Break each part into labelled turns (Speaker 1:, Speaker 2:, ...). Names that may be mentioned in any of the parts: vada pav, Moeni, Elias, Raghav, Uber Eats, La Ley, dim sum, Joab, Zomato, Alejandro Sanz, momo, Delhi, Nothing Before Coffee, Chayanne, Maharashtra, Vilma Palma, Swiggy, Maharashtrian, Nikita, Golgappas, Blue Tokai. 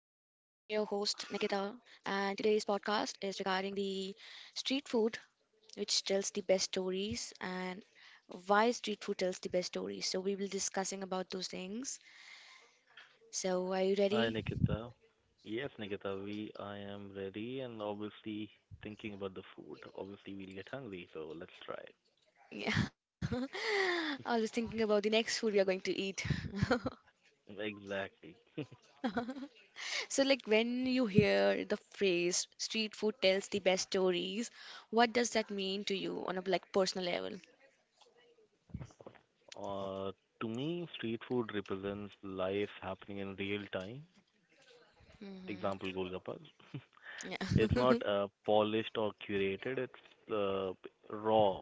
Speaker 1: Nikita, and today's podcast is regarding the street food, which tells the best stories, and why street food tells the best stories. So we will discussing about those things. So are you
Speaker 2: Hi,
Speaker 1: ready?
Speaker 2: Nikita. Yes, Nikita, we I am ready and obviously thinking about the food. Obviously, we'll get hungry, so let's try.
Speaker 1: Yeah. I was thinking about the next food we are going to eat.
Speaker 2: Exactly.
Speaker 1: So like when you hear the phrase street food tells the best stories, what does that mean to you on a like personal level?
Speaker 2: Uh, to me, street food represents life happening in real time. Example,
Speaker 1: Mm-hmm.
Speaker 2: Golgappas.
Speaker 1: Yeah.
Speaker 2: It's not polished or curated. It's raw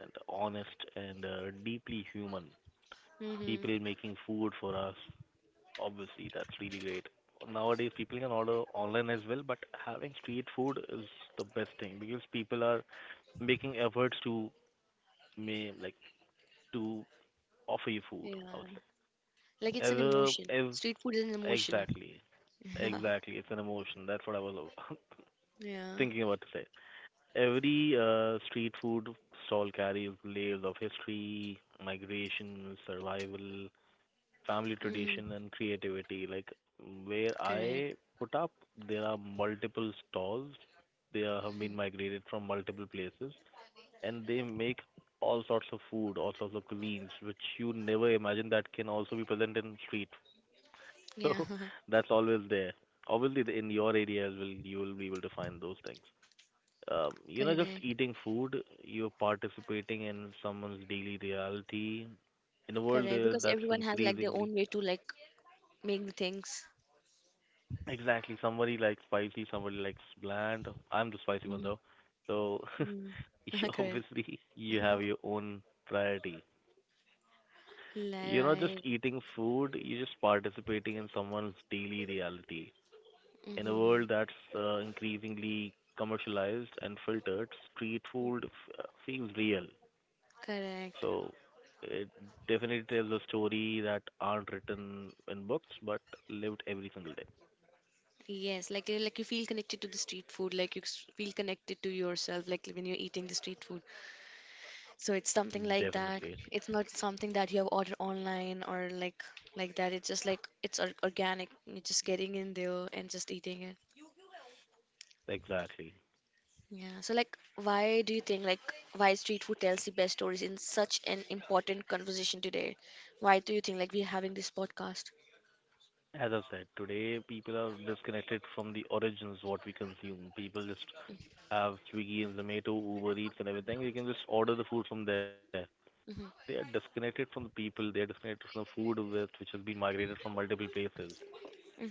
Speaker 2: and honest and deeply human.
Speaker 1: Mm-hmm.
Speaker 2: People making food for us. Obviously, that's really great. Nowadays, people can order online as well, but having street food is the best thing because people are making efforts to may like to offer you food, I
Speaker 1: Yeah.
Speaker 2: would
Speaker 1: Like
Speaker 2: say.
Speaker 1: it's an emotion. Street food is an emotion.
Speaker 2: Exactly, exactly. It's an emotion. That's what I was
Speaker 1: Yeah.
Speaker 2: thinking about to say. Every street food stall carries layers of history, migration, survival, family
Speaker 1: Mm-hmm.
Speaker 2: tradition and creativity. Like where
Speaker 1: Correct.
Speaker 2: I put up, there are multiple stalls. They are, have been migrated from multiple places, and they make all sorts of food, all sorts of cuisines, which you never imagine that can also be present in street.
Speaker 1: Yeah.
Speaker 2: So that's always there. Obviously, in your area as well, you will be able to find those things. Just
Speaker 1: Correct.
Speaker 2: eating food, you're participating in someone's daily reality. In a world
Speaker 1: Correct.
Speaker 2: there
Speaker 1: Because
Speaker 2: that's
Speaker 1: everyone has like their
Speaker 2: increasingly—
Speaker 1: own way to like make the things.
Speaker 2: exactly. Somebody likes spicy, somebody likes bland. I'm the spicy one
Speaker 1: Mm-hmm.
Speaker 2: though. So
Speaker 1: Mm.
Speaker 2: you
Speaker 1: Correct.
Speaker 2: obviously you have your own priority.
Speaker 1: Li-
Speaker 2: You're not just
Speaker 1: Right.
Speaker 2: eating food, you're just participating in someone's daily reality. In a world
Speaker 1: Mm-hmm.
Speaker 2: that's increasingly commercialized and filtered, street food feels real.
Speaker 1: Correct.
Speaker 2: So it definitely tells a story that aren't written in books but lived every single day.
Speaker 1: Yes, like you feel connected to the street food, like you s- feel connected to yourself, like when you're eating the street food. So it's something like that.
Speaker 2: Definitely.
Speaker 1: It's not something that you have ordered online or like that. It's just like it's or organic. You're just getting in there and just eating it.
Speaker 2: Exactly.
Speaker 1: Yeah. So like, why do you think like why street food tells the best stories in such an important conversation today? Why do you think like we're having this podcast?
Speaker 2: As I've said, today people are disconnected from the origins what we consume. People just have Swiggy and Zomato, Uber Eats and everything. You can just order the food from there. They
Speaker 1: Mm-hmm.
Speaker 2: are disconnected from the people. They are disconnected from the food with which has been migrated from multiple places.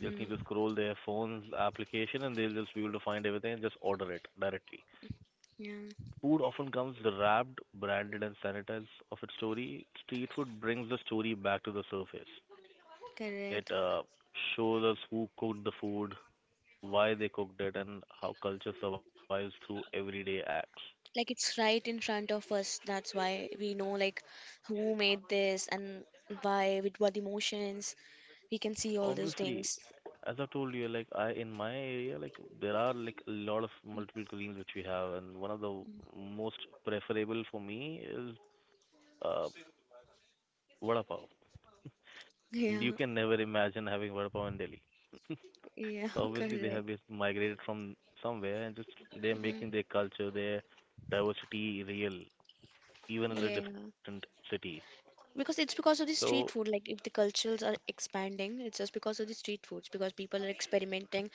Speaker 2: They just need to scroll their phone's application and they'll just be able to find everything and just order it directly.
Speaker 1: Yeah.
Speaker 2: Food often comes wrapped, branded and sanitized of its story. Street food brings the story back to the surface. It
Speaker 1: Correct.
Speaker 2: shows us who cooked the food, why they cooked it, and how culture survives through everyday acts.
Speaker 1: Like it's right in front of us, that's why we know like who made this and why with what emotions we can see all those
Speaker 2: Obviously,
Speaker 1: things.
Speaker 2: as I told you, like I in my area, like there are like a lot of multiple cuisines which we have, and one of the most preferable for me is uh, vada pav. You
Speaker 1: Yeah.
Speaker 2: can never imagine having vada pav in Delhi.
Speaker 1: Yeah.
Speaker 2: So obviously, they
Speaker 1: Correct.
Speaker 2: have just migrated from somewhere and just they're
Speaker 1: Hmm.
Speaker 2: making their culture, their diversity real, even in a
Speaker 1: Yeah,
Speaker 2: different city.
Speaker 1: because it's because of the
Speaker 2: So
Speaker 1: street food, like if the cultures are expanding it's just because of the street foods because people are experimenting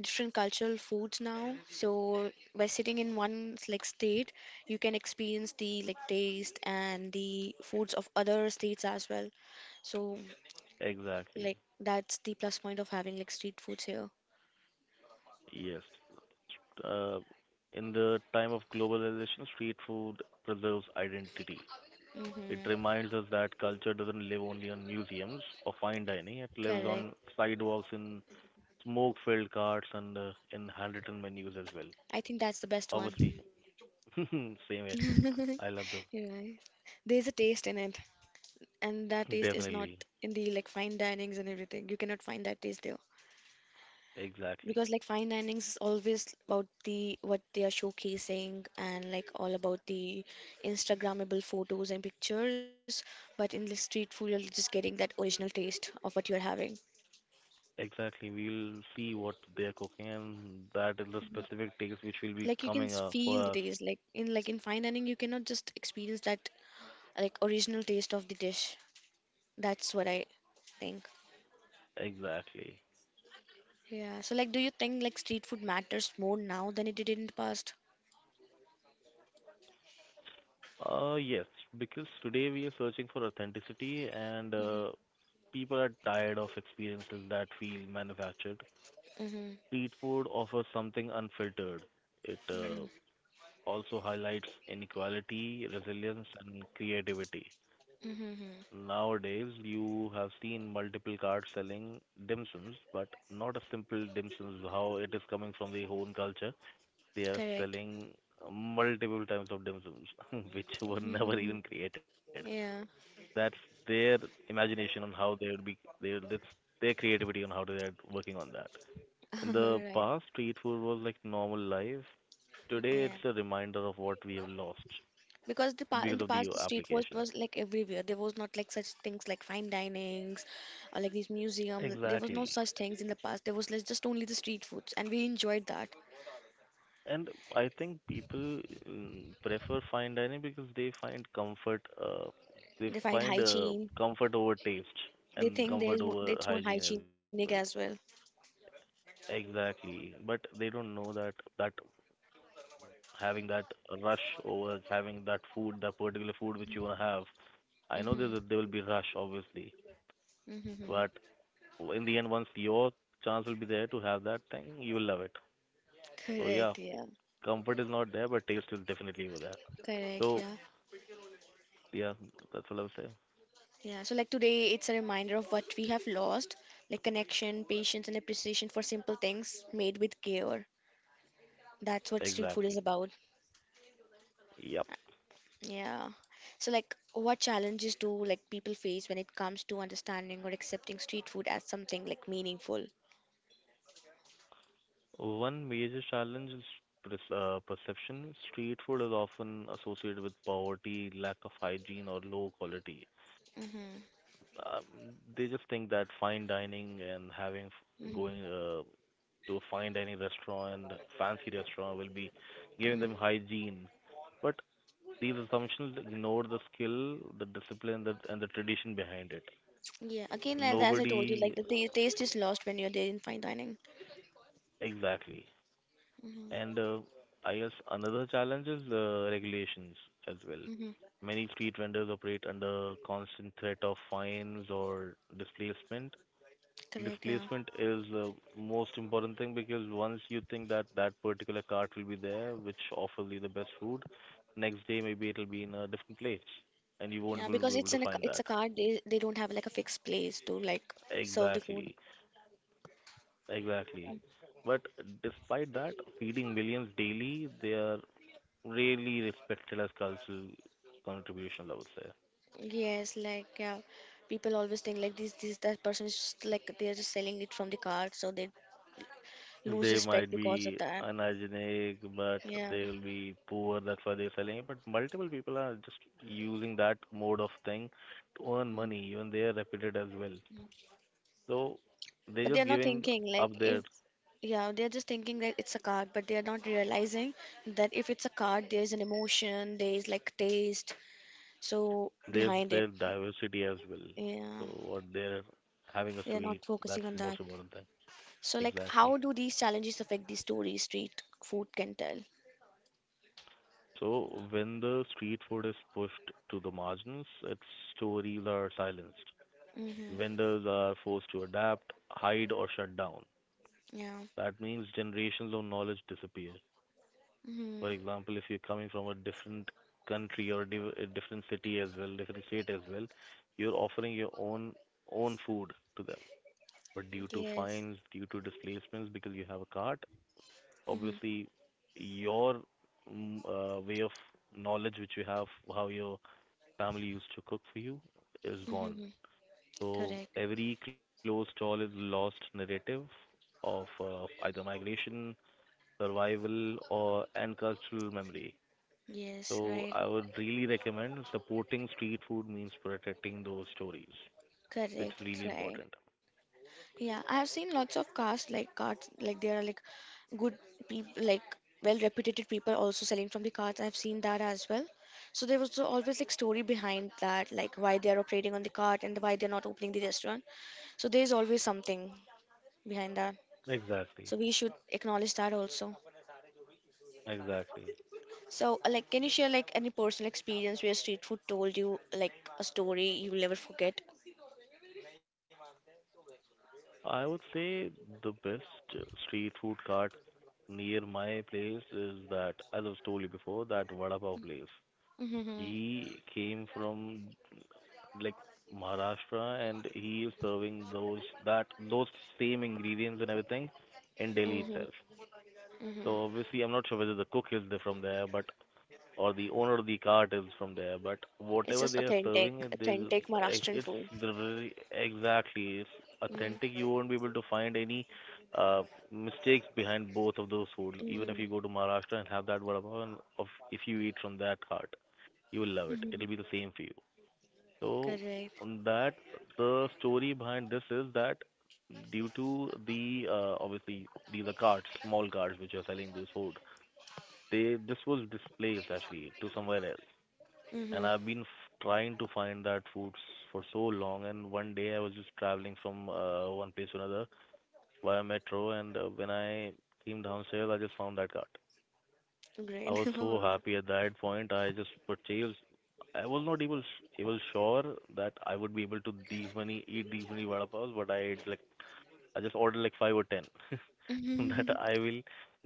Speaker 1: different cultural foods now. So by sitting in one like state you can experience the like taste and the foods of other states as well. So
Speaker 2: exactly,
Speaker 1: like that's the plus point of having like street foods here.
Speaker 2: yes. uh, in the time of globalization, street food preserves identity.
Speaker 1: Hmm.
Speaker 2: It reminds us that culture doesn't live only on museums or fine dining. It lives
Speaker 1: Correct.
Speaker 2: on sidewalks, in smoke-filled carts, and in handwritten menus as well.
Speaker 1: I think that's the best one.
Speaker 2: Obviously, same here. I love them.
Speaker 1: You're right, there's a taste in it and that taste is not
Speaker 2: Definitely.
Speaker 1: in the like fine dinings and everything. You cannot find that taste there
Speaker 2: Exactly.
Speaker 1: because like fine dinings is always about the what they are showcasing and like all about the Instagrammable photos and pictures. But in the street food, you're just getting that original taste of what you're having.
Speaker 2: Exactly. We'll see what they're cooking, and that is the specific taste which will be
Speaker 1: Like you can
Speaker 2: coming
Speaker 1: s-
Speaker 2: up for
Speaker 1: feel the
Speaker 2: us.
Speaker 1: taste. Like in fine dining, you cannot just experience that like original taste of the dish. That's what I think.
Speaker 2: Exactly.
Speaker 1: Yeah. So like, do you think like street food matters more now than it did in the past?
Speaker 2: Yes, because today we are searching for authenticity and
Speaker 1: Mm-hmm.
Speaker 2: people are tired of experiences that feel manufactured.
Speaker 1: Mm-hmm.
Speaker 2: Street food offers something unfiltered. It
Speaker 1: Mm-hmm.
Speaker 2: also highlights inequality, resilience, and creativity.
Speaker 1: Mm-hmm.
Speaker 2: Nowadays, you have seen multiple cards selling dim sums, but not a simple dim sums. How it is coming from the own culture, they are
Speaker 1: Correct.
Speaker 2: selling multiple types of dim sums, which were never
Speaker 1: Mm-hmm.
Speaker 2: even created.
Speaker 1: Yeah.
Speaker 2: That's their imagination on how they would be they would- That's their creativity on how they're working on that. In the
Speaker 1: Right.
Speaker 2: past, street food was like normal life. Today,
Speaker 1: Yeah.
Speaker 2: it's a reminder of what we have lost
Speaker 1: Because the pa in
Speaker 2: because
Speaker 1: the
Speaker 2: of the
Speaker 1: past, the street food
Speaker 2: application.
Speaker 1: was like everywhere. There was not like such things like fine dinings or like these museum. There was no
Speaker 2: Exactly.
Speaker 1: such things in the past. There was like just only the street foods, and we enjoyed that.
Speaker 2: And I think people prefer fine dining because they
Speaker 1: They find
Speaker 2: find
Speaker 1: hygiene.
Speaker 2: comfort over taste
Speaker 1: They
Speaker 2: and
Speaker 1: think there
Speaker 2: comfort
Speaker 1: is more,
Speaker 2: over
Speaker 1: it's more
Speaker 2: hygiene as
Speaker 1: hygienic
Speaker 2: well.
Speaker 1: as well.
Speaker 2: Exactly. But they don't know that that having that rush over having that food, that particular food which you want to have. I know there will
Speaker 1: Mm-hmm.
Speaker 2: be rush obviously,
Speaker 1: Mm-hmm.
Speaker 2: but in the end, once your chance will be there to have that thing, you will love it. So yeah,
Speaker 1: Correct. Yeah.
Speaker 2: comfort is not there, but taste is definitely over there.
Speaker 1: Correct.
Speaker 2: So
Speaker 1: Yeah.
Speaker 2: yeah, that's what I would say.
Speaker 1: Yeah, so like today, it's a reminder of what we have lost, like connection, patience, and appreciation for simple things made with care. That's what street food is
Speaker 2: Exactly.
Speaker 1: about.
Speaker 2: Yep.
Speaker 1: Yeah. So like, what challenges do like people face when it comes to understanding or accepting street food as something like meaningful?
Speaker 2: One major challenge is perception. Street food is often associated with poverty, lack of hygiene, or low quality.
Speaker 1: Mm-hmm.
Speaker 2: They just think that fine dining and having f-
Speaker 1: Mm-hmm.
Speaker 2: going uh, to a fine dining restaurant, fancy restaurant will be giving
Speaker 1: Mhm.
Speaker 2: them hygiene. But these assumptions ignore the skill, the discipline, that and the tradition behind it.
Speaker 1: Yeah, again, like, as I told you,
Speaker 2: Nobody—
Speaker 1: like the ta- taste is lost when you're there in fine dining.
Speaker 2: exactly. And
Speaker 1: Mm-hmm.
Speaker 2: I guess another challenge is regulations as well.
Speaker 1: Mm-hmm.
Speaker 2: Many street vendors operate under constant threat of fines or displacement.
Speaker 1: Correct, yeah.
Speaker 2: Displacement is the most important thing because once you think that that particular cart will be there, which offers you the best food, next day maybe it'll be in a different place and you won't
Speaker 1: Yeah,
Speaker 2: be able be
Speaker 1: because
Speaker 2: able
Speaker 1: it's
Speaker 2: to
Speaker 1: an
Speaker 2: find
Speaker 1: it's
Speaker 2: that.
Speaker 1: a card. They don't have like a fixed place to like serve the food.
Speaker 2: Exactly, exactly. But despite that, feeding millions daily, they are really respected as cultural contributions, I would say.
Speaker 1: Yes, like yeah, people always think like this that person is just like they are just selling it from the card, so they lose
Speaker 2: They
Speaker 1: respect
Speaker 2: might
Speaker 1: because of
Speaker 2: be
Speaker 1: that.
Speaker 2: unhygienic, but
Speaker 1: Yeah,
Speaker 2: they will be poor. That's why they're selling it. But multiple people are just using that mode of thing to earn money. Even they are repeated as well. So they're
Speaker 1: but they
Speaker 2: just
Speaker 1: are not
Speaker 2: giving
Speaker 1: thinking
Speaker 2: up
Speaker 1: like
Speaker 2: their
Speaker 1: if yeah they are just thinking that it's a card, but they are not realizing that if it's a card, there is an emotion, there is like taste, so
Speaker 2: their
Speaker 1: behind it.
Speaker 2: their diversity as well.
Speaker 1: Yeah,
Speaker 2: So what they're having us
Speaker 1: they are
Speaker 2: to eat.
Speaker 1: not
Speaker 2: That's
Speaker 1: focusing on
Speaker 2: the
Speaker 1: that.
Speaker 2: most important thing.
Speaker 1: So, like, how
Speaker 2: Exactly.
Speaker 1: do these challenges affect the story street food can tell?
Speaker 2: So when the street food is pushed to the margins, its stories are silenced.
Speaker 1: Mm-hmm.
Speaker 2: Vendors are forced to adapt, hide, or shut down.
Speaker 1: Yeah.
Speaker 2: That means generations of knowledge disappear. For
Speaker 1: Mm-hmm.
Speaker 2: example, if you're coming from a different country or a different city as well, different state as well, you're offering your own food to them. But due to
Speaker 1: Yes.
Speaker 2: fines, due to displacements, because you have a cart,
Speaker 1: Mm-hmm.
Speaker 2: obviously your way of knowledge which you have, how your family used to cook for you, is gone.
Speaker 1: Mm-hmm.
Speaker 2: So
Speaker 1: Correct.
Speaker 2: every closed stall is lost narrative of either migration, survival or and cultural memory.
Speaker 1: Yes,
Speaker 2: So
Speaker 1: right.
Speaker 2: I would really recommend supporting street food means protecting those stories, which is
Speaker 1: Correct,
Speaker 2: really
Speaker 1: right.
Speaker 2: important.
Speaker 1: Yeah, I have seen lots of cast like carts, like there are like good people, like well-reputed people also selling from the carts. I've seen that as well. So there was always like story behind that, like why they are operating on the cart and why they're not opening the restaurant. So there's always something behind that. So
Speaker 2: Exactly.
Speaker 1: we should acknowledge that also.
Speaker 2: Exactly.
Speaker 1: So, like, can you share like any personal experience where street food told you like a story you will never forget?
Speaker 2: I would say the best street food cart near my place is that, as I've told you before, that Vada Pav place.
Speaker 1: Mm-hmm.
Speaker 2: He came from like Maharashtra and he is serving those same ingredients and everything in Delhi
Speaker 1: Mm-hmm.
Speaker 2: itself.
Speaker 1: Mm-hmm.
Speaker 2: So obviously, I'm not sure whether the cook is there from there, but or the owner of the cart is from there. But
Speaker 1: It's
Speaker 2: whatever
Speaker 1: just
Speaker 2: they are
Speaker 1: authentic,
Speaker 2: serving, it is
Speaker 1: authentic Maharashtrian
Speaker 2: it's
Speaker 1: food.
Speaker 2: the very exactly it's
Speaker 1: Mm.
Speaker 2: authentic. You won't be able to find any uh, mistakes behind both of those foods. Even if
Speaker 1: Mm-hmm.
Speaker 2: you go to Maharashtra and have that vada pav, and of if you eat from that cart, you will love it.
Speaker 1: Mm-hmm.
Speaker 2: It'll be the same for you. So
Speaker 1: Correct.
Speaker 2: on that, the story behind this is that due to the obviously these are carts, small carts which are selling this food, they this was displaced actually to somewhere else, and
Speaker 1: Mm-hmm.
Speaker 2: I've been trying to find that foods for so long, and one day I was just traveling from one place to another via metro, and when I came downstairs I just found that cart. I
Speaker 1: Great.
Speaker 2: was so
Speaker 1: Wow.
Speaker 2: happy at that point I just purchased, I was not able able sure that I would be able to these many eat these many vada pavs, but I ate like I just ordered like 5 or 10. That
Speaker 1: Mm-hmm.
Speaker 2: I will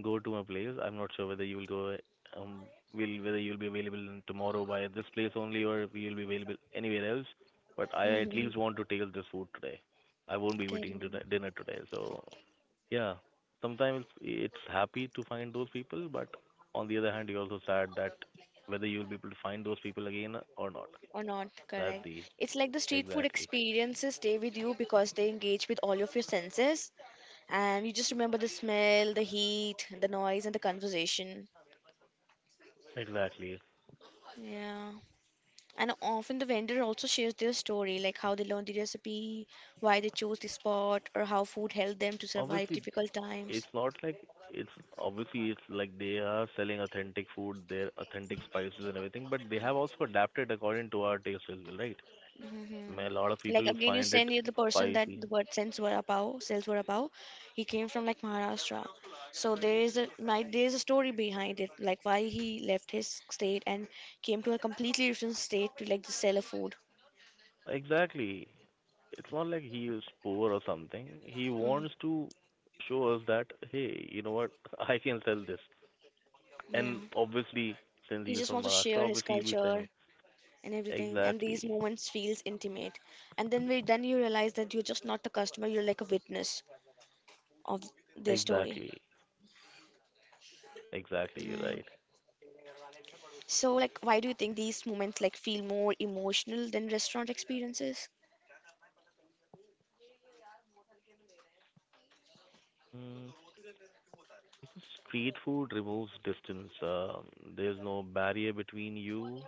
Speaker 2: go to a place. I'm not sure whether you will go, um, will whether you'll be available in tomorrow by this place only, or if you'll be available anywhere else. But I at
Speaker 1: Mm-hmm.
Speaker 2: least want to taste this food today. I won't be
Speaker 1: Correct.
Speaker 2: eating dinner today. So yeah, sometimes it's happy to find those people, but on the other hand, you're also sad that whether you'll be able to find those people again or not.
Speaker 1: Or not,
Speaker 2: That's
Speaker 1: correct.
Speaker 2: the—
Speaker 1: It's like the street food
Speaker 2: exactly,
Speaker 1: experiences stay with you because they engage with all of your senses and you just remember the smell, the heat, the noise and the conversation.
Speaker 2: exactly.
Speaker 1: Yeah. And often the vendor also shares their story, like how they learned the recipe, why they chose the spot or how food helped them to survive
Speaker 2: Obviously,
Speaker 1: difficult times.
Speaker 2: it's not like it's obviously it's like they are selling authentic food, their authentic spices and everything, but they have also adapted according to our taste as well, right? I
Speaker 1: Hmm.
Speaker 2: mean, a lot of
Speaker 1: Like
Speaker 2: people
Speaker 1: again, you
Speaker 2: find it
Speaker 1: send you the person that
Speaker 2: spicy.
Speaker 1: the word sends vada pav, sells vada pav. He came from like Maharashtra, so there is a my, there is a story behind it, like why he left his state and came to a completely different state to like just sell a food.
Speaker 2: Exactly. It's not like he is poor or something. He
Speaker 1: Mm,
Speaker 2: wants to show us that, hey, you know what, I can sell this.
Speaker 1: yeah,
Speaker 2: And obviously,
Speaker 1: he
Speaker 2: since
Speaker 1: just
Speaker 2: he's
Speaker 1: wants to
Speaker 2: from
Speaker 1: share
Speaker 2: Maharashtra,
Speaker 1: his
Speaker 2: obviously he'll be
Speaker 1: culture
Speaker 2: selling.
Speaker 1: and everything, and these
Speaker 2: Exactly.
Speaker 1: moments feels intimate. And then we then you realize that you're just not a customer, you're like a witness of their story.
Speaker 2: Exactly.
Speaker 1: Right.
Speaker 2: Exactly. You're right.
Speaker 1: So, like, why do you think these moments like feel more emotional than restaurant experiences?
Speaker 2: Hmm. Because street food removes distance. There's no barrier between you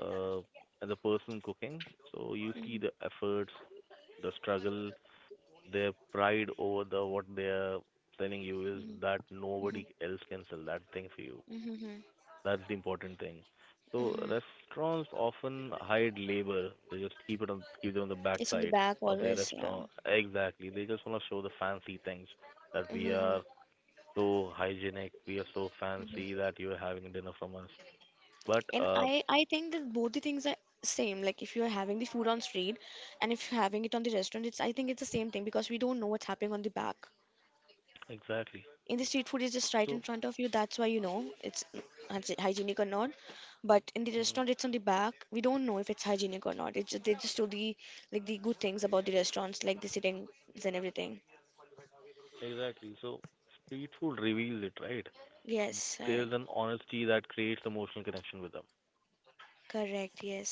Speaker 2: uh, and the person cooking. So you see the
Speaker 1: Mm-hmm.
Speaker 2: efforts, the struggle, their pride over the what they're selling you is
Speaker 1: Mm-hmm.
Speaker 2: that nobody else can sell that thing for you.
Speaker 1: Mm-hmm. Mm-hmm.
Speaker 2: That's the important thing. So
Speaker 1: Hmm.
Speaker 2: restaurants often hide labor. They just keep it on the
Speaker 1: It's on the
Speaker 2: backside
Speaker 1: back
Speaker 2: of their
Speaker 1: always, yeah.
Speaker 2: restaurant. Exactly. They just want to show the fancy things that we
Speaker 1: Mm-hmm.
Speaker 2: are so hygienic, we are so fancy
Speaker 1: Mm-hmm.
Speaker 2: that you are having dinner from us. But
Speaker 1: And I think that both the things are same. Like if you're having the food on street and if you're having it on the restaurant, it's I think it's the same thing because we don't know what's happening on the back.
Speaker 2: exactly.
Speaker 1: In the street food is just right in
Speaker 2: So
Speaker 1: front of you, that's why you know it's hygien- hygienic or not, but in the
Speaker 2: mhm,
Speaker 1: restaurant it's on the back, we don't know if it's hygienic or not. It's just, they just do the like the good things about the restaurants like the sittings and everything.
Speaker 2: exactly. So street food reveals it, right?
Speaker 1: Yes, right.
Speaker 2: There's an honesty that creates emotional connection with them.
Speaker 1: Correct. Yes,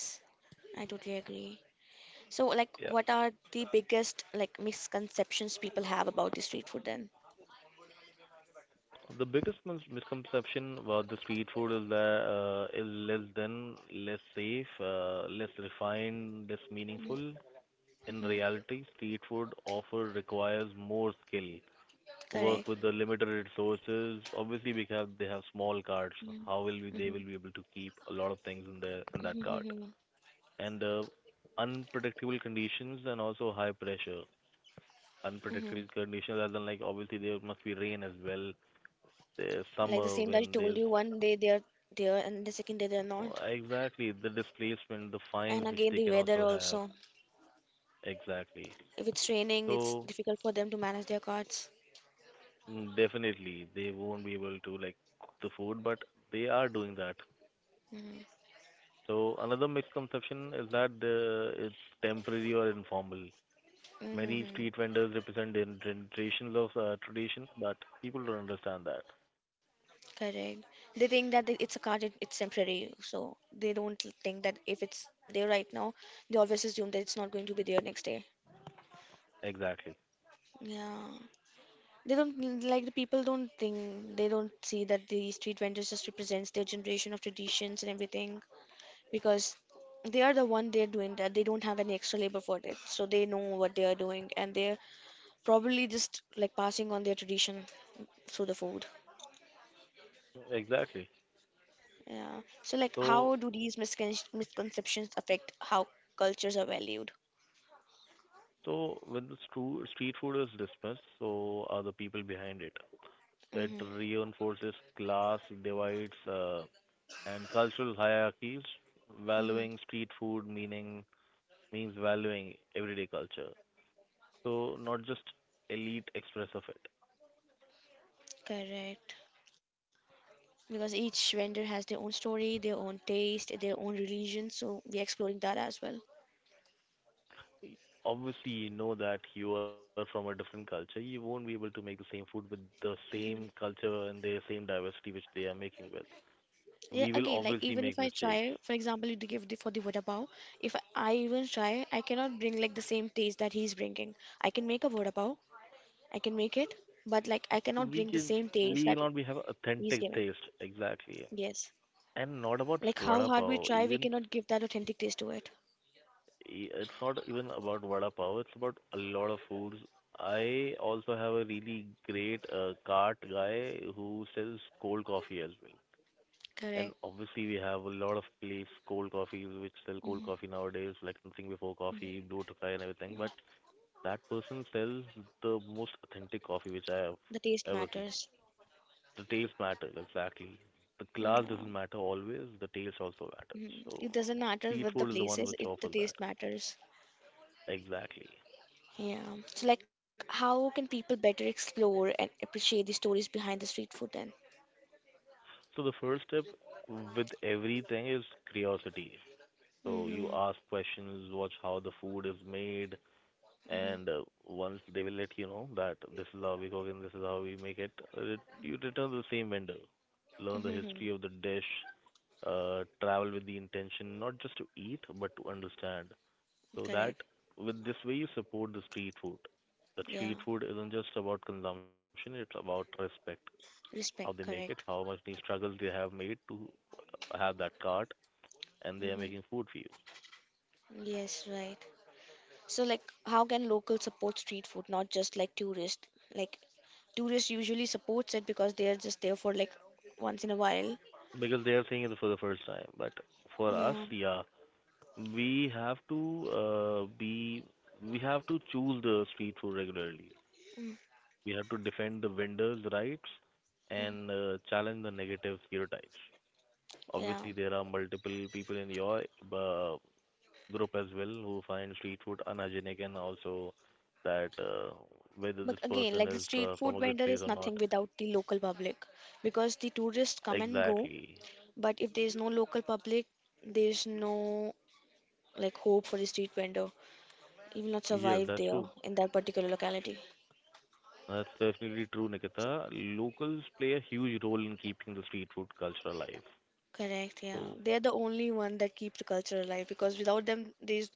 Speaker 1: I totally agree. So like,
Speaker 2: Yeah.
Speaker 1: what are the biggest like misconceptions people have about the street food then?
Speaker 2: The biggest misconception about the street food is that is less than, less safe, less refined, less meaningful.
Speaker 1: Mm-hmm.
Speaker 2: In
Speaker 1: Mm-hmm.
Speaker 2: reality, street food offer requires more skill work
Speaker 1: Correct.
Speaker 2: with the limited resources. Obviously, we have they have small cards.
Speaker 1: Mm-hmm.
Speaker 2: They
Speaker 1: Mm-hmm.
Speaker 2: will be able to keep a lot of things in their in that cart?
Speaker 1: Mm-hmm.
Speaker 2: And Unpredictable conditions and also high pressure.
Speaker 1: Mm-hmm.
Speaker 2: Unpredictable conditions, as in like obviously there must be rain as well. There's
Speaker 1: Like the
Speaker 2: summer
Speaker 1: same that I
Speaker 2: when
Speaker 1: told
Speaker 2: there's
Speaker 1: you, one day they are there and the second day they are not.
Speaker 2: oh, exactly, the displacement, the fines
Speaker 1: And
Speaker 2: which
Speaker 1: again,
Speaker 2: they
Speaker 1: the
Speaker 2: can
Speaker 1: weather
Speaker 2: also have
Speaker 1: also.
Speaker 2: exactly.
Speaker 1: If it's raining, it's
Speaker 2: So
Speaker 1: difficult for them to manage their cards.
Speaker 2: definitely they won't be able to like cook the food, but they are doing that.
Speaker 1: Mm-hmm.
Speaker 2: So another misconception is that it's temporary or informal. Many street
Speaker 1: Mm-hmm.
Speaker 2: vendors represent in generations of tradition, but people don't understand that.
Speaker 1: Correct. They think that they- it's a card, it, it's temporary. So they don't think that if it's there right now, they always assume that it's not going to be there next day.
Speaker 2: Exactly.
Speaker 1: Yeah. They don't like the people don't think, they don't see that the street vendors just represents their generation of traditions and everything. Because they are the one they're doing that, they don't have any extra labor for it, so they know what they are doing and they're probably just like passing on their tradition through the food.
Speaker 2: Exactly.
Speaker 1: Yeah. So like,
Speaker 2: So
Speaker 1: how do these miscon- misconceptions affect how cultures are valued?
Speaker 2: so when the street food is dismissed, so are the people behind it. It
Speaker 1: Mm-hmm.
Speaker 2: reinforces class divides and cultural hierarchies,
Speaker 1: Mm-hmm.
Speaker 2: valuing street food meaning means valuing everyday culture. So not just elite express of it.
Speaker 1: Correct. Because each vendor has their own story, their own taste, their own religion, so we're exploring that as well.
Speaker 2: Obviously, you know that you are from a different culture. You won't be able to make the same food with the same culture and the same diversity which they are making with.
Speaker 1: Yeah,
Speaker 2: We will
Speaker 1: again, like
Speaker 2: obviously
Speaker 1: even
Speaker 2: make
Speaker 1: if I
Speaker 2: mistakes.
Speaker 1: try, for example, you give the for the vada pav, if I even try, I cannot bring like the same taste that he's bringing. I can make a vada pav, I can make it, but like I cannot
Speaker 2: We
Speaker 1: bring the
Speaker 2: can
Speaker 1: same taste
Speaker 2: we
Speaker 1: that
Speaker 2: will not be have
Speaker 1: he's
Speaker 2: authentic
Speaker 1: giving.
Speaker 2: taste, exactly.
Speaker 1: Yes,
Speaker 2: And not about just
Speaker 1: like how
Speaker 2: vada
Speaker 1: hard we
Speaker 2: pav.
Speaker 1: try, we
Speaker 2: Even
Speaker 1: cannot give that authentic taste to it.
Speaker 2: It's not even about vada pav. It's about a lot of foods. I also have a really great cart guy who sells cold coffee as well. And
Speaker 1: Correct.
Speaker 2: obviously, we have a lot of place, cold coffees, which sell cold
Speaker 1: Hmm.
Speaker 2: coffee nowadays, like Nothing Before Coffee, Blue Tokai, and everything. But that person sells the most authentic coffee which I have
Speaker 1: The taste
Speaker 2: ever seen.
Speaker 1: matters.
Speaker 2: The taste matters, exactly. The class
Speaker 1: Mm,
Speaker 2: doesn't matter always, the taste also matters.
Speaker 1: mhm. It
Speaker 2: So,
Speaker 1: doesn't matter
Speaker 2: street
Speaker 1: what the
Speaker 2: food is the
Speaker 1: place
Speaker 2: one
Speaker 1: is,
Speaker 2: which
Speaker 1: it the
Speaker 2: offers that.
Speaker 1: taste matters.
Speaker 2: Exactly.
Speaker 1: Yeah. So like, how can people better explore and appreciate the stories behind the street food then?
Speaker 2: So, the first step with everything is curiosity. So, you ask
Speaker 1: Mm-hmm.
Speaker 2: questions, watch how the food is made, and
Speaker 1: Mm-hmm.
Speaker 2: once they will let you know that this is how we cook and this is how we make it, uh, you return to the same vendor. Learn the history of
Speaker 1: Mm-hmm.
Speaker 2: the dish, travel with the intention not just to eat but to understand. So that
Speaker 1: Correct.
Speaker 2: with this way you support the street food. The street
Speaker 1: Yeah.
Speaker 2: food isn't just about consumption; it's about respect.
Speaker 1: Respect.
Speaker 2: How they make it,
Speaker 1: Correct.
Speaker 2: how much the struggles they have made to have that cart, and they are
Speaker 1: Mm-hmm.
Speaker 2: making food for you
Speaker 1: Yes, right. So, like, how can locals support street food, not just like tourists? Like, tourists usually supports it because they are just there for like once in a while.
Speaker 2: because they are seeing it for the first time. But for us,
Speaker 1: Yeah.
Speaker 2: yeah, we have to be we have to choose the street food regularly.
Speaker 1: Mm-hmm.
Speaker 2: We have to defend the vendors' rights and challenge the negative stereotypes.
Speaker 1: Yeah.
Speaker 2: Obviously, there are multiple people in your uh, group as well who find street food unhygienic and also that
Speaker 1: But
Speaker 2: whether this
Speaker 1: again, like the
Speaker 2: person
Speaker 1: street
Speaker 2: is
Speaker 1: food vendor
Speaker 2: from a
Speaker 1: is
Speaker 2: good place or
Speaker 1: nothing
Speaker 2: not.
Speaker 1: without the local public because the tourists come and
Speaker 2: Exactly.
Speaker 1: go, but if there is no local public, there is no like hope for the street vendor. You will not
Speaker 2: Yes,
Speaker 1: survive
Speaker 2: that's
Speaker 1: there
Speaker 2: true.
Speaker 1: in that particular locality.
Speaker 2: That's definitely true,
Speaker 1: So,
Speaker 2: Nikita. Locals play a huge role in keeping the street food culture alive.
Speaker 1: correct, yeah.
Speaker 2: So
Speaker 1: They are the only one that keep the culture alive because without them, there's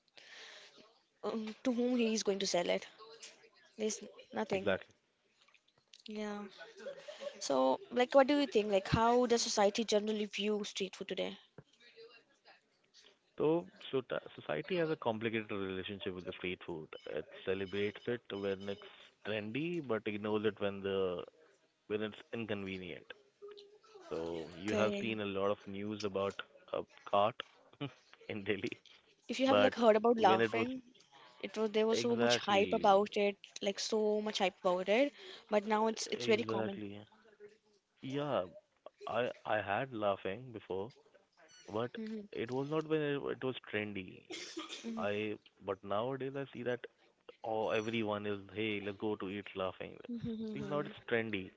Speaker 1: to whom he is going to sell it. There's nothing.
Speaker 2: exactly.
Speaker 1: Yeah. So, like, what do you think? Like, how does society generally view street food today?
Speaker 2: So, society has a complicated relationship with the street food. It celebrates it when it's trendy, but ignores it when the when it's inconvenient. So you have seen
Speaker 1: Okay.
Speaker 2: a lot of news about a cart in Delhi,
Speaker 1: If you have
Speaker 2: but
Speaker 1: like heard about
Speaker 2: when it was
Speaker 1: laughing, it was there was so much hype
Speaker 2: exactly,
Speaker 1: about it, like so much hype about it, but now it's very common.
Speaker 2: exactly, yeah, I had laughing before, but
Speaker 1: Mm-hmm.
Speaker 2: it was not when it was trendy. I but nowadays I see that oh everyone is hey let's go to eat laughing.
Speaker 1: Hmm,
Speaker 2: It's
Speaker 1: hmm.
Speaker 2: trendy.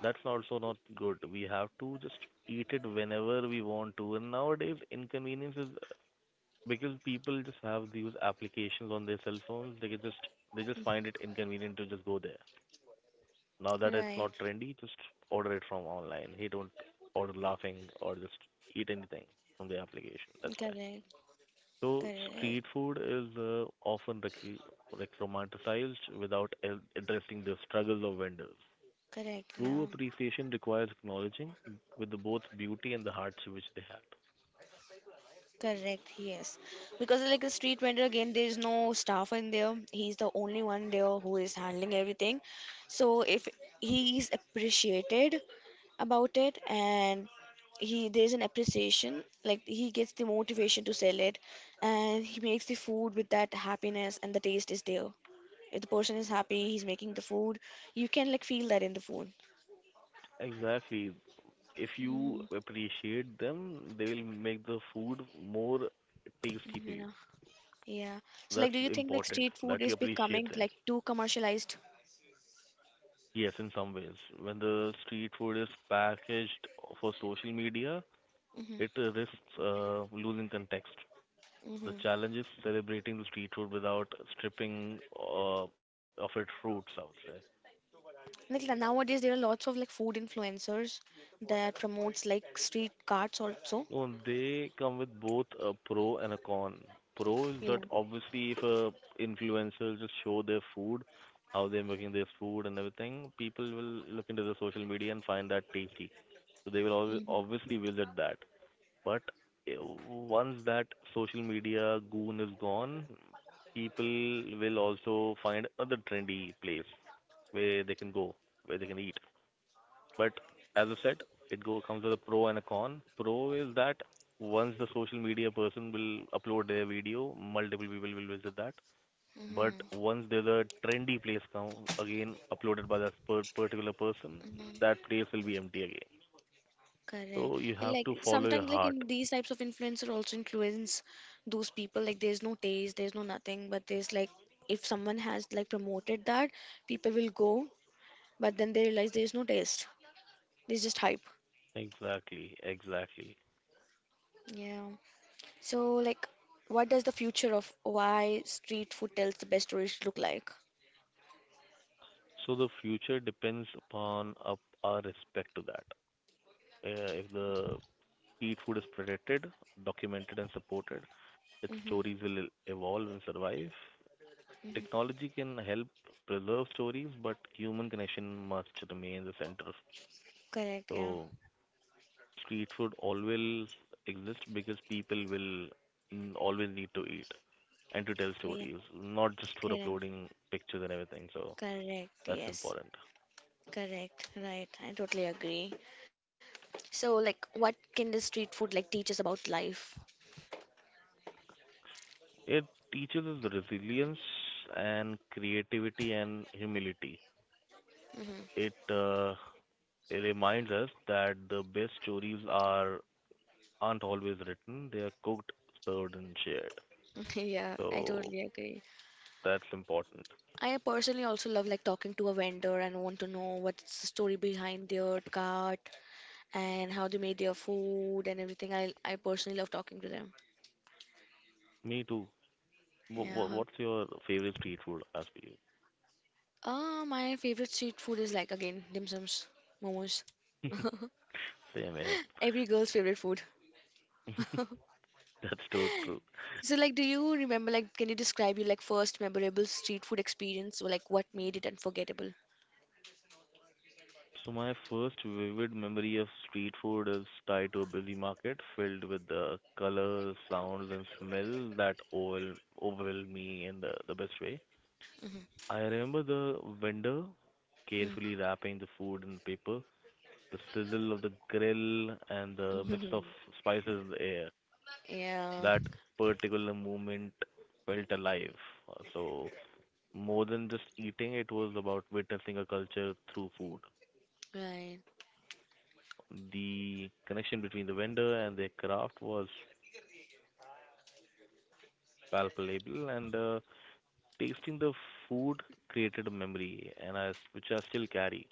Speaker 2: That's also not good. We have to just eat it whenever we want to. And nowadays inconvenience is because people just have these applications on their cell phones. They just find it inconvenient to just go there. Now that it's
Speaker 1: Right.
Speaker 2: not trendy, just order it from online. Hey, don't order laughing or just eat anything from the application. That's why.
Speaker 1: Correct.
Speaker 2: So
Speaker 1: Correct,
Speaker 2: street food is often like romanticized without addressing the struggles of vendors.
Speaker 1: correct,
Speaker 2: True
Speaker 1: yeah,
Speaker 2: appreciation requires acknowledging with the both beauty and the hearts which they have.
Speaker 1: correct, yes. Because like a street vendor again, there is no staff in there. He's the only one there who is handling everything. So if he is appreciated about it and he there's an appreciation, like he gets the motivation to sell it and he makes the food with that happiness and the taste is there. If the person is happy, he's making the food, you can like feel that in the food.
Speaker 2: Exactly. If you
Speaker 1: Mhm.
Speaker 2: appreciate them, they will make the food more tasty for you.
Speaker 1: Yeah. Yeah.
Speaker 2: That's
Speaker 1: So, like, do you think
Speaker 2: important
Speaker 1: like
Speaker 2: that
Speaker 1: street
Speaker 2: you
Speaker 1: food is
Speaker 2: appreciate them.
Speaker 1: becoming like too commercialized?
Speaker 2: Yes, in some ways. When the street food is packaged for social media,
Speaker 1: Mm-hmm.
Speaker 2: it risks losing context.
Speaker 1: Mm-hmm.
Speaker 2: The challenge is celebrating the street food without stripping of its roots, I would say.
Speaker 1: Like la- nowadays, there are lots of like food influencers that promotes like street carts also.
Speaker 2: No, they come with both a pro and a con. Pro is
Speaker 1: Yeah.
Speaker 2: that obviously if a influencer just show their food, how they're making their food and everything, people will look into the social media and find that tasty. So they will always
Speaker 1: Mm-hmm.
Speaker 2: obviously visit that. But once that social media goon is gone, people will also find other trendy place where they can go, where they can eat. But as I said, it go comes with a pro and a con. Pro is that once the social media person will upload their video, multiple people will visit that.
Speaker 1: Mm-hmm.
Speaker 2: But once there's a trendy place come again uploaded by that particular person, that
Speaker 1: Mm-hmm.
Speaker 2: place will be empty again.
Speaker 1: Correct.
Speaker 2: So you
Speaker 1: Yeah,
Speaker 2: have
Speaker 1: like
Speaker 2: to follow your
Speaker 1: sometimes, like
Speaker 2: heart.
Speaker 1: in these types of influencer also influence those people. Like there's no taste, there's no nothing, but there's like if someone has like promoted that, people will go, but then they realize there's no taste. There's just hype.
Speaker 2: Exactly, exactly.
Speaker 1: Yeah. So, like, what does the future of why street food tells the best stories look like?
Speaker 2: So the future depends upon up our respect to that. If the street food is protected, documented, and supported, its
Speaker 1: Mm-hmm.
Speaker 2: stories will evolve and survive. Technology can help preserve stories, but human connection must remain the center.
Speaker 1: Correct, yeah.
Speaker 2: So street food always exists because people will always need to eat and to tell
Speaker 1: Yeah.
Speaker 2: stories, not just for
Speaker 1: Correct.
Speaker 2: uploading pictures and everything. So
Speaker 1: Correct,
Speaker 2: that's
Speaker 1: yes.
Speaker 2: important.
Speaker 1: Correct, right. I totally agree. So, like, what can the street food like teach us about life?
Speaker 2: It teaches us resilience and creativity and humility.
Speaker 1: Mm-hmm.
Speaker 2: It, uh, it reminds us that the best stories are aren't always written; they are cooked, served, and shared.
Speaker 1: Yeah, I
Speaker 2: So
Speaker 1: totally agree.
Speaker 2: that's important.
Speaker 1: I personally also love like talking to a vendor and want to know what's the story behind their cart and how they made their food and everything. I personally love talking to them.
Speaker 2: Me too. Wh- wh-
Speaker 1: Yeah.
Speaker 2: what's your favorite street food? As for
Speaker 1: My favorite street food is like again dim sums, momos.
Speaker 2: you, same here.
Speaker 1: Every girl's favorite food.
Speaker 2: That's so true.
Speaker 1: So like, do you remember like, can you describe your like first memorable street food experience or like what made it unforgettable?
Speaker 2: So my first vivid memory of street food is tied to a busy market filled with the colors, sounds, and smell that overwhelmed me in the best way.
Speaker 1: Mm-hmm.
Speaker 2: I remember the vendor carefully wrapping the food in paper, the sizzle of the grill, and the
Speaker 1: Mm-hmm.
Speaker 2: mix of
Speaker 1: Mm-hmm.
Speaker 2: spices in the air.
Speaker 1: Yeah.
Speaker 2: That particular moment felt alive. So more than just eating, it was about witnessing a culture through food.
Speaker 1: Right.
Speaker 2: The connection between the vendor and their craft was palpable, and tasting the food created a memory, which I still carry.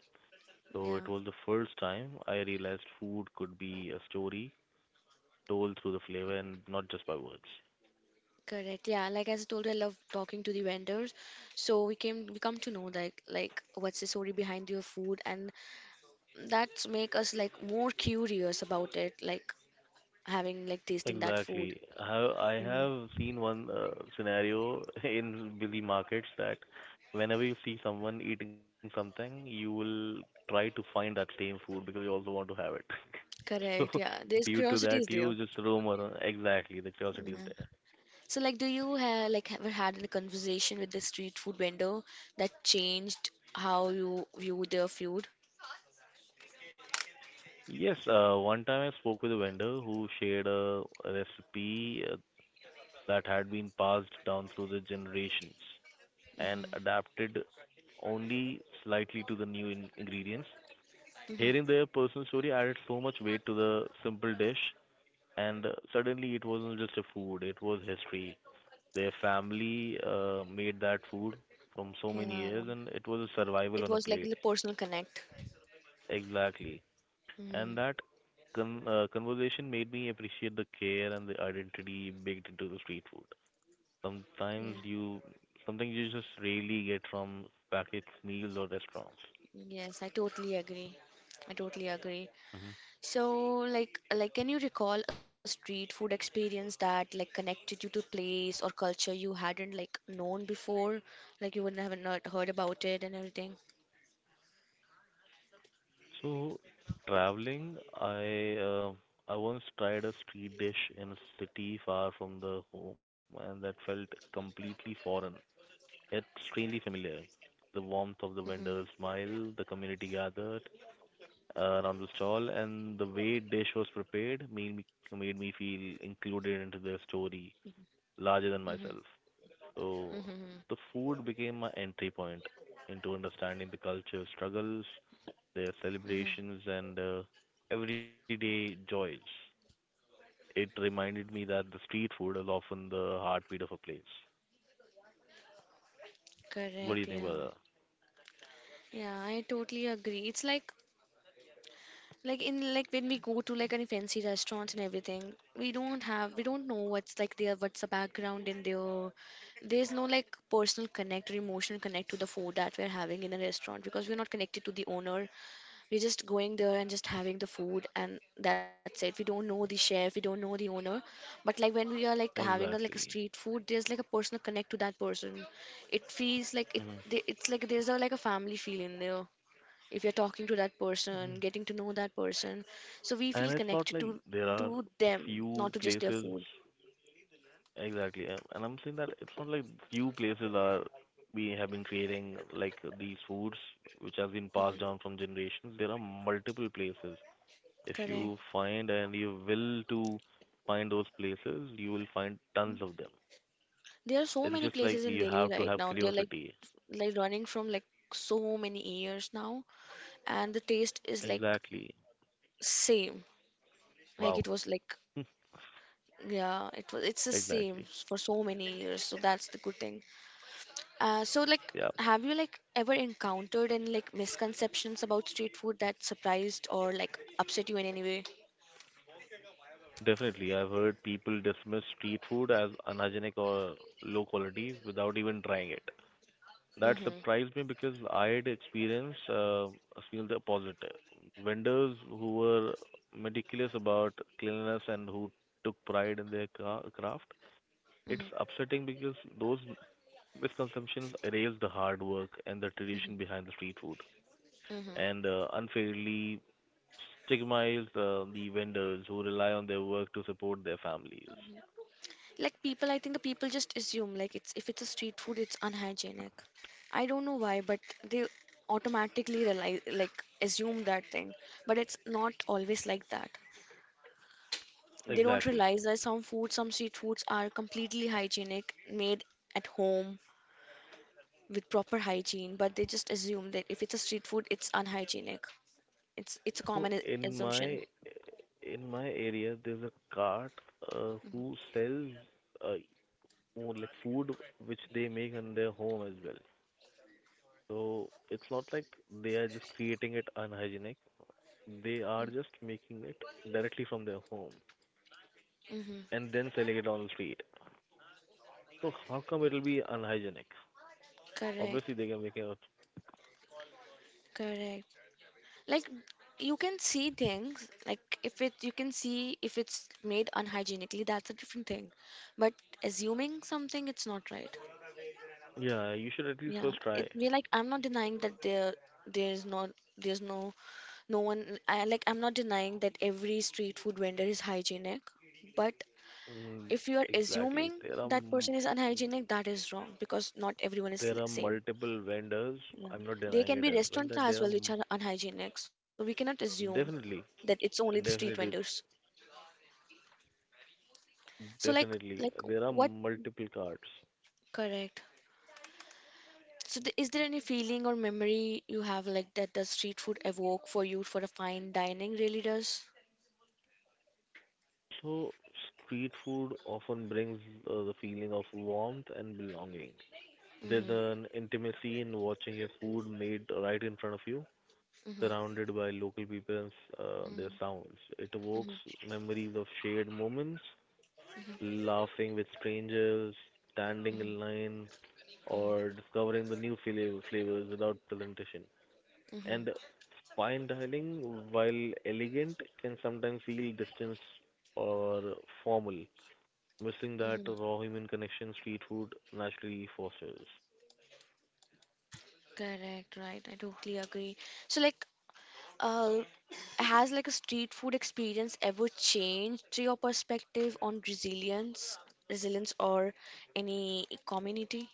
Speaker 2: So it
Speaker 1: Yeah.
Speaker 2: was the first time I realized food could be a story told through the flavor and not just by words.
Speaker 1: Correct. Yeah. Like as I told you, I love talking to the vendors. So we come to know like what's the story behind your food, and that's make us like more curious about it, like having like tasting that food.
Speaker 2: Exactly. I
Speaker 1: Yeah.
Speaker 2: have seen one scenario in busy markets that whenever you see someone eating something, you will try to find that same food because you also want to have it. So
Speaker 1: Correct. Yeah. There's
Speaker 2: due to
Speaker 1: curiosity
Speaker 2: that,
Speaker 1: is there.
Speaker 2: you just roam around. Exactly, the curiosity is
Speaker 1: Mm.
Speaker 2: there.
Speaker 1: So, like, do you have like ever had a conversation with the street food vendor that changed how you view their food?
Speaker 2: Yes, one time I spoke with a vendor who shared a recipe that had been passed down through the generations and
Speaker 1: Hmm,
Speaker 2: adapted only slightly to the new ingredients. Hearing their
Speaker 1: hmm.
Speaker 2: personal story added so much weight to the simple dish, and suddenly it wasn't just a food, it was history. Their family made that food from so many
Speaker 1: Yeah.
Speaker 2: years, and it was a survival
Speaker 1: It
Speaker 2: on a
Speaker 1: was like a
Speaker 2: plate.
Speaker 1: personal connect.
Speaker 2: Exactly. And
Speaker 1: Hmm.
Speaker 2: that conversation made me appreciate the care and the identity baked into the street food. Sometimes
Speaker 1: Yeah.
Speaker 2: you, something you just rarely get from packaged meals or restaurants.
Speaker 1: Yes, I totally agree. I totally agree.
Speaker 2: Hmm.
Speaker 1: So, like, can you recall a street food experience that like connected you to place or culture you hadn't like known before, like you wouldn't have not heard about it and everything?
Speaker 2: So traveling, I once tried a street dish in a city far from the home, and that felt completely foreign, yet strangely familiar. The warmth of
Speaker 1: Mm-hmm.
Speaker 2: the vendor's smile, the community gathered, around the stall, and the way dish was prepared made me feel included into the story larger than myself.
Speaker 1: Mm-hmm.
Speaker 2: So
Speaker 1: Mm-hmm.
Speaker 2: the food became my entry point into understanding the culture struggles, their
Speaker 1: Mm-hmm.
Speaker 2: celebrations, and everyday joys. It reminded me that the street food is often the heartbeat of a place. What do you
Speaker 1: Correct.
Speaker 2: think
Speaker 1: Yeah.
Speaker 2: about
Speaker 1: Yeah, I totally agree. It's like in like when we go to like any fancy restaurants and everything we don't know what's like their what's the background in there. There's no like personal connect or emotional connect to the food that we're having in a restaurant because we're not connected to the owner, we're just going there and just having the food and that's it, we don't know the chef, we don't know the owner, but like when we are like
Speaker 2: that?
Speaker 1: having a like a
Speaker 2: Exactly.
Speaker 1: street food there's like a personal connect to that person. It feels like it,
Speaker 2: Hmm.
Speaker 1: it's like there's a like a family feel in there if you're talking to that
Speaker 2: Hmm.
Speaker 1: person, getting to know that person. So we
Speaker 2: And
Speaker 1: feel
Speaker 2: it's not
Speaker 1: connected
Speaker 2: like there are
Speaker 1: to them,
Speaker 2: few
Speaker 1: not to just their
Speaker 2: places.
Speaker 1: food.
Speaker 2: Exactly. And I'm saying that it's not like few places are we have been creating like these foods which has been passed
Speaker 1: Mhm.
Speaker 2: down from generations. There are multiple places. If
Speaker 1: Correct.
Speaker 2: you find and you will to find those places, you will find tons of them.
Speaker 1: There are so
Speaker 2: It's
Speaker 1: many
Speaker 2: just
Speaker 1: places
Speaker 2: like
Speaker 1: in
Speaker 2: you
Speaker 1: Delhi
Speaker 2: have to
Speaker 1: right
Speaker 2: have
Speaker 1: now. They're
Speaker 2: curiosity.
Speaker 1: like running from like so many years now, and the taste is like
Speaker 2: Exactly.
Speaker 1: same.
Speaker 2: Wow.
Speaker 1: Like it was like yeah, it's the
Speaker 2: Exactly.
Speaker 1: same for so many years. So that's the good thing. So like
Speaker 2: Yeah.
Speaker 1: have you like ever encountered any like misconceptions about street food that surprised or like upset you in any way?
Speaker 2: Definitely. I've heard people dismiss street food as unhygienic or low quality without even trying it. That
Speaker 1: Mm-hmm.
Speaker 2: surprised me because I had experienced seen the opposite. Vendors who were meticulous about cleanliness and who took pride in their craft. It's
Speaker 1: Mm-hmm.
Speaker 2: upsetting because those misconceptions erase the hard work and the
Speaker 1: Mm-hmm.
Speaker 2: tradition behind the street food
Speaker 1: Mm-hmm.
Speaker 2: and unfairly stigmatize the vendors who rely on their work to support their families.
Speaker 1: Like people, I think the people just assume like it's if it's a street food, it's unhygienic. I don't know why, but they automatically realize like assume that thing. But it's not always like that. They don't
Speaker 2: Exactly.
Speaker 1: realize that some food, some street foods are completely hygienic, made at home with proper hygiene, but they just assume that if it's a street food, it's unhygienic. It's a
Speaker 2: So
Speaker 1: common a-
Speaker 2: in
Speaker 1: assumption.
Speaker 2: my in my area, there's a cart who sells uh, more like food which they make in their home as well. So it's not like they are just creating it unhygienic. They are just making it directly from their home
Speaker 1: Mm-hmm.
Speaker 2: and then selling it on the street. So how come it'll be unhygienic?
Speaker 1: Correct.
Speaker 2: Obviously they can make it.
Speaker 1: Correct. Like you can see things like if it you can see if it's made unhygienically, that's a different thing. But assuming something, it's not right.
Speaker 2: Yeah, you should at least
Speaker 1: Yeah,
Speaker 2: first try.
Speaker 1: it we like I'm not denying that there there's not there's no no one I like I'm not denying that every street food vendor is hygienic, but
Speaker 2: Mm,
Speaker 1: if you are
Speaker 2: exactly.
Speaker 1: assuming that person is unhygienic, that is wrong because not everyone is l-
Speaker 2: There are
Speaker 1: same.
Speaker 2: multiple vendors.
Speaker 1: Yeah.
Speaker 2: I'm not
Speaker 1: There
Speaker 2: denying
Speaker 1: can
Speaker 2: it
Speaker 1: be
Speaker 2: as well
Speaker 1: restaurants
Speaker 2: that
Speaker 1: as well which are unhygienic, so we cannot assume
Speaker 2: definitely,
Speaker 1: that it's only the street vendors.
Speaker 2: definitely,
Speaker 1: So
Speaker 2: definitely
Speaker 1: like
Speaker 2: there are
Speaker 1: what
Speaker 2: multiple carts.
Speaker 1: correct. So th is there any feeling or memory you have like that the street food evoke for you for a fine dining really does?
Speaker 2: So street food often brings the feeling of warmth and belonging. There's
Speaker 1: Mm-hmm.
Speaker 2: an intimacy in watching a food made right in front of you,
Speaker 1: Mm-hmm.
Speaker 2: surrounded by local people and their
Speaker 1: Mm-hmm.
Speaker 2: sounds. It evokes
Speaker 1: Mm-hmm.
Speaker 2: memories of shared moments, laughing with strangers, standing
Speaker 1: Mm-hmm.
Speaker 2: in line, or discovering the new flavors without presentation. And
Speaker 1: Mm-hmm.
Speaker 2: fine dining, while elegant, can sometimes feel distant or formal, missing that
Speaker 1: Mm-hmm.
Speaker 2: raw human connection street food naturally fosters.
Speaker 1: Correct, right. I totally agree. So like Uh, has like a street food experience ever changed your perspective on resilience, resilience or any community?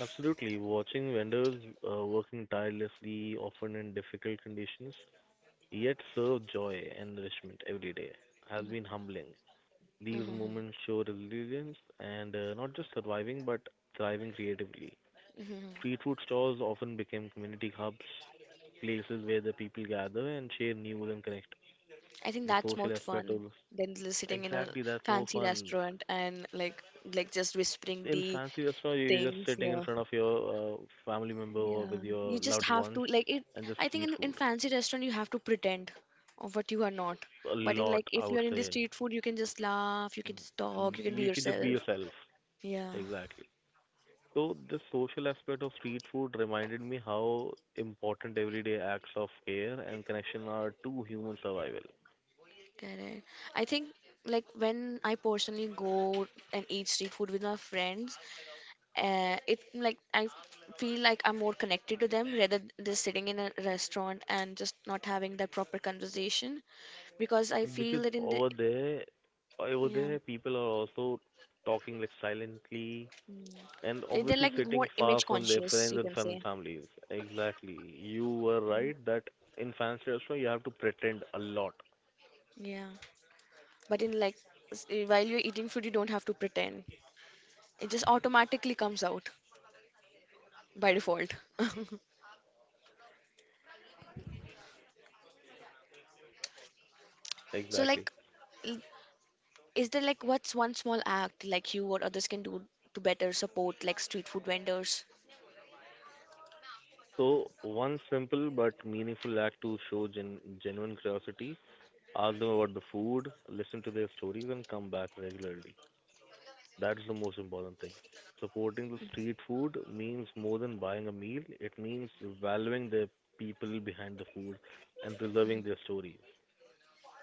Speaker 2: Absolutely, watching vendors working tirelessly, often in difficult conditions, yet serve joy and nourishment every day, has been humbling. These
Speaker 1: Mm-hmm.
Speaker 2: moments show resilience and not just surviving but thriving creatively.
Speaker 1: Hmm.
Speaker 2: Street food stores often became community hubs, places where the people gather and share news and connect.
Speaker 1: I think
Speaker 2: The
Speaker 1: that's more
Speaker 2: social aspect of
Speaker 1: fun
Speaker 2: this.
Speaker 1: than l- sitting in a
Speaker 2: Exactly, that's more
Speaker 1: fancy
Speaker 2: fun.
Speaker 1: restaurant and like just whispering
Speaker 2: In
Speaker 1: the
Speaker 2: fancy restaurant, you're just
Speaker 1: things.
Speaker 2: sitting in
Speaker 1: Yeah,
Speaker 2: front of your family member or with
Speaker 1: yeah.
Speaker 2: your
Speaker 1: You just
Speaker 2: loved
Speaker 1: have
Speaker 2: ones
Speaker 1: to like it.
Speaker 2: and just
Speaker 1: I think
Speaker 2: eat food.
Speaker 1: in fancy restaurant you have to pretend of what you are not.
Speaker 2: A
Speaker 1: But in
Speaker 2: lot,
Speaker 1: like
Speaker 2: I
Speaker 1: if you
Speaker 2: would
Speaker 1: are in the
Speaker 2: say.
Speaker 1: street food, you can just laugh, you can just talk,
Speaker 2: Mhm.
Speaker 1: you can be
Speaker 2: You can just be
Speaker 1: yourself.
Speaker 2: yourself.
Speaker 1: Yeah,
Speaker 2: Exactly. So this social aspect of street food reminded me how important everyday acts of care and connection are to human survival.
Speaker 1: correct. I think like when I personally go and eat street food with my friends, it like I feel like I'm more connected to them rather than just sitting in a restaurant and just not having that proper conversation because I
Speaker 2: Because
Speaker 1: feel that in the
Speaker 2: over there, over
Speaker 1: yeah
Speaker 2: there, people are also talking like silently and
Speaker 1: they're
Speaker 2: obviously
Speaker 1: like
Speaker 2: sitting
Speaker 1: more
Speaker 2: far
Speaker 1: image
Speaker 2: from their
Speaker 1: conscious
Speaker 2: friends
Speaker 1: you
Speaker 2: and
Speaker 1: can say
Speaker 2: families. Exactly. You were right that in fancy restaurant you have to pretend a lot.
Speaker 1: yeah but in like while you're eating food you don't have to pretend, it just automatically comes out by default. So
Speaker 2: Exactly.
Speaker 1: like is there like what's one small act like you or others can do to better support like street food vendors?
Speaker 2: So one simple but meaningful act to show genuine curiosity, ask them about the food, listen to their stories, and come back regularly. That is the most important thing. Supporting the street food means more than buying a meal. It means valuing the people behind the food and preserving their stories.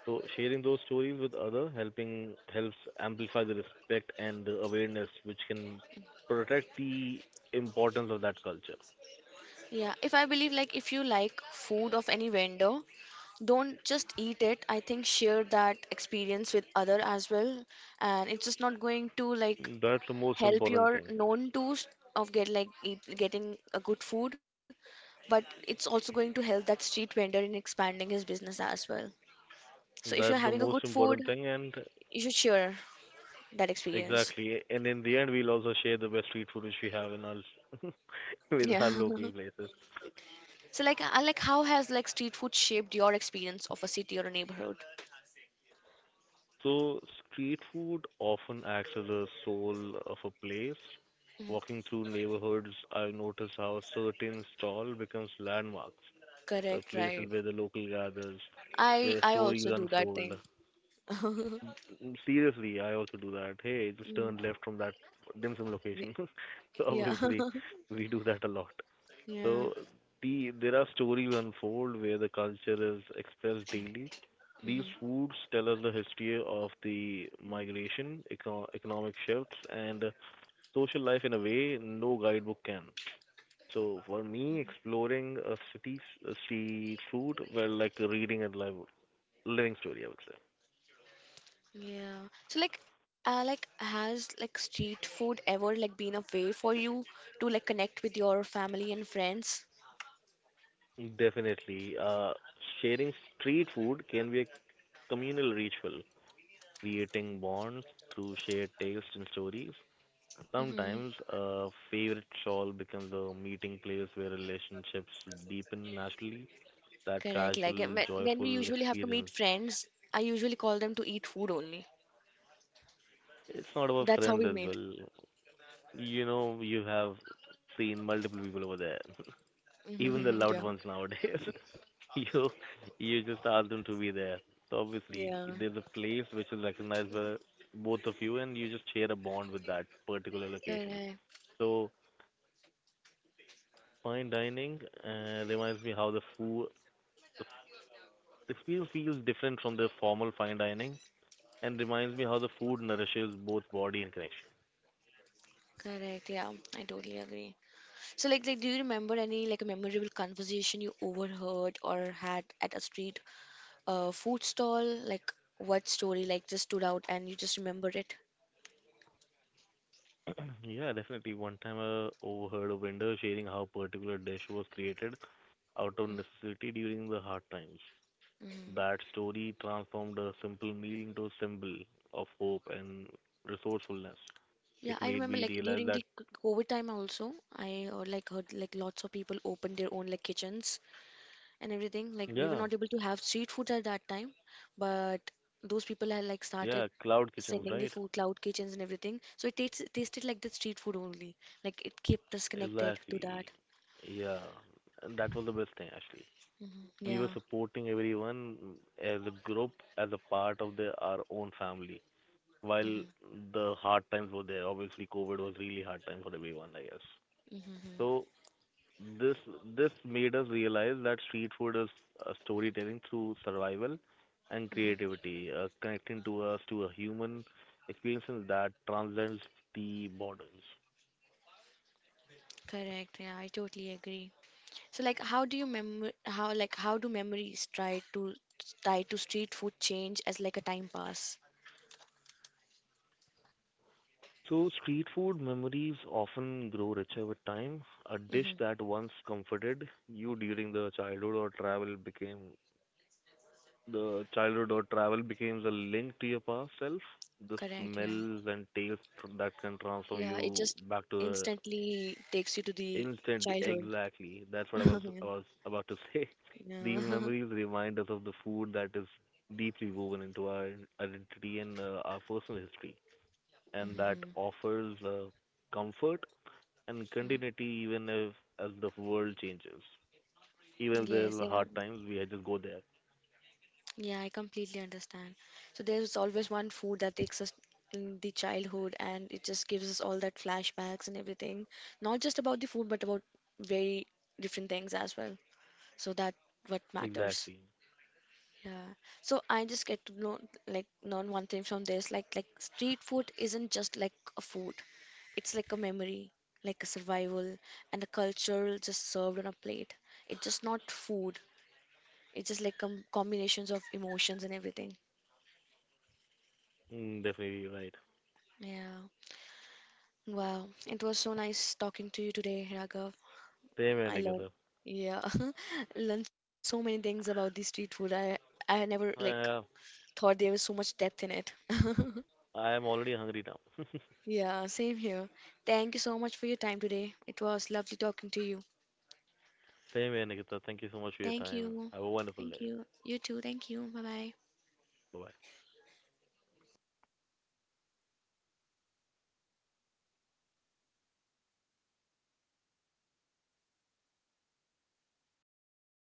Speaker 2: So sharing those stories with other helping helps amplify the respect and the awareness which can protect the importance of that culture.
Speaker 1: Yeah, if I believe like if you like food of any vendor, don't just eat it. I think share that experience with other as well, and it's just not going to like
Speaker 2: That's the most
Speaker 1: help
Speaker 2: important
Speaker 1: your
Speaker 2: thing.
Speaker 1: known to s- of get like eat, getting a good food, but it's also going to help that street vendor in expanding his business as well. So if you're
Speaker 2: That's
Speaker 1: having
Speaker 2: the
Speaker 1: a good
Speaker 2: most
Speaker 1: food,
Speaker 2: important thing and
Speaker 1: you should share that experience.
Speaker 2: exactly and in the end we'll also share the best street food which we have in our with our
Speaker 1: Yeah.
Speaker 2: local places.
Speaker 1: So like how has like street food shaped your experience of a city or a neighborhood?
Speaker 2: So, street food often acts as a soul of a place.
Speaker 1: Mhm.
Speaker 2: Walking through neighborhoods, I've noticed how certain stall becomes landmarks,
Speaker 1: Correct,
Speaker 2: places
Speaker 1: right.
Speaker 2: where the local gathers,
Speaker 1: I
Speaker 2: where
Speaker 1: I
Speaker 2: stories
Speaker 1: also do that thing.
Speaker 2: unfold. Mm, seriously, I also do that. Hey, just
Speaker 1: Mm,
Speaker 2: turn left from that dim sum
Speaker 1: y-
Speaker 2: location. So
Speaker 1: Yeah.
Speaker 2: obviously, we do that a lot.
Speaker 1: Yeah.
Speaker 2: So there are stories unfold where the culture is expressed daily. These
Speaker 1: Hmm.
Speaker 2: foods tell us the history of the migration, economic shifts, and social life in a way no guidebook can. So for me, exploring a city a street food, well, like reading and live, living story, I would
Speaker 1: Yeah. So like has like street food ever like been a way for you to like connect with your family and friends?
Speaker 2: say. Definitely. Sharing street food can be a communal ritual, creating bonds through shared taste and stories.
Speaker 1: Hmm.
Speaker 2: Sometimes a favorite shawl becomes a meeting place where relationships deepen naturally. That
Speaker 1: Correct. Like
Speaker 2: casual,
Speaker 1: when we
Speaker 2: joyful
Speaker 1: usually have to
Speaker 2: experience.
Speaker 1: meet friends, I usually call them to eat food only.
Speaker 2: It's not about
Speaker 1: That's how
Speaker 2: friends
Speaker 1: we
Speaker 2: as
Speaker 1: meet.
Speaker 2: well. You know, you have seen multiple people over there, even the
Speaker 1: Yeah.
Speaker 2: loved ones nowadays. you you just ask them to be there. So obviously,
Speaker 1: Yeah.
Speaker 2: there's a place which is recognized by both of you, and you just share a bond with that particular location.
Speaker 1: Correct,
Speaker 2: So fine dining reminds me how the food It feels different from the formal fine dining and reminds me how the food nourishes both body and connection.
Speaker 1: correct. Yeah, I totally agree. So, like, do you remember any like a memorable conversation you overheard or had at a street food stall? Like, what story like just stood out and you just remembered it?
Speaker 2: Yeah, definitely. One time I overheard a vendor sharing how particular dish was created out of necessity during the hard times.
Speaker 1: Mm.
Speaker 2: That story transformed a simple meal into a symbol of hope and resourcefulness.
Speaker 1: Yeah,
Speaker 2: It
Speaker 1: I
Speaker 2: made
Speaker 1: remember
Speaker 2: me
Speaker 1: like
Speaker 2: realize
Speaker 1: during the
Speaker 2: that,
Speaker 1: c- COVID time also, I like heard like lots of people opened their own like kitchens and everything. Like we were
Speaker 2: yeah,
Speaker 1: not able to have street food at that time, but those people had like started
Speaker 2: yeah, cloud kitchens,
Speaker 1: sending the
Speaker 2: right?
Speaker 1: food, cloud kitchens and everything. So it tastes tasted like the street food only. Like it kept us connected to that.
Speaker 2: Exactly. Yeah, and that was the best thing actually. We were
Speaker 1: Yeah.
Speaker 2: supporting everyone as a group, as a part of the, our own family. While the hard times were there, obviously COVID was really hard time for everyone, I guess.
Speaker 1: Mm-hmm.
Speaker 2: So this this made us realize that street food is a storytelling through survival and creativity, connecting to us to a human experience that transcends the borders.
Speaker 1: Correct. Yeah, I totally agree. So like how like how do memories try to tie to street food change as like a time pass?
Speaker 2: So street food memories often grow richer with time. A dish
Speaker 1: Mm-hmm.
Speaker 2: that once comforted you during the childhood or travel became the childhood or travel becomes a link to your past self. The
Speaker 1: Correct, yeah.
Speaker 2: smells and tastes that can transform
Speaker 1: Yeah, it
Speaker 2: you
Speaker 1: just
Speaker 2: back to the
Speaker 1: instantly takes you to the
Speaker 2: instant.
Speaker 1: childhood.
Speaker 2: Exactly, that's what I was about to say. These
Speaker 1: Yeah.
Speaker 2: memories remind us of the food that is deeply woven into our identity and our personal history, and that
Speaker 1: Hmm.
Speaker 2: offers comfort and continuity even if as the world changes. Even if there
Speaker 1: Yes,
Speaker 2: are
Speaker 1: yeah.
Speaker 2: hard times, we just go there.
Speaker 1: Yeah, I completely understand. So there's always one food that takes us in the childhood and it just gives us all that flashbacks and everything. Not just about the food, but about very different things as well. So that what
Speaker 2: Exactly.
Speaker 1: matters. Yeah. So I just get to know like learn one thing from this. Like street food isn't just like a food. It's like a memory, like a survival and the culture just served on a plate. It's just not food. It's just like com- combinations of emotions and everything.
Speaker 2: Mm, definitely right.
Speaker 1: Yeah. Wow. It was so nice talking to you today, Raghav.
Speaker 2: Same here,
Speaker 1: I learned,
Speaker 2: Nikita.
Speaker 1: yeah, learned so many things about the street food. I had never like
Speaker 2: Uh,
Speaker 1: thought there was so much depth in it.
Speaker 2: I am already hungry now.
Speaker 1: Yeah, same here. Thank you so much for your time today. It was lovely talking to you.
Speaker 2: Same here, Nikita. Thank you so much for your
Speaker 1: Thank
Speaker 2: time.
Speaker 1: you.
Speaker 2: Have a wonderful
Speaker 1: Thank
Speaker 2: day.
Speaker 1: you. You too. Thank you. Bye bye.
Speaker 2: Bye bye.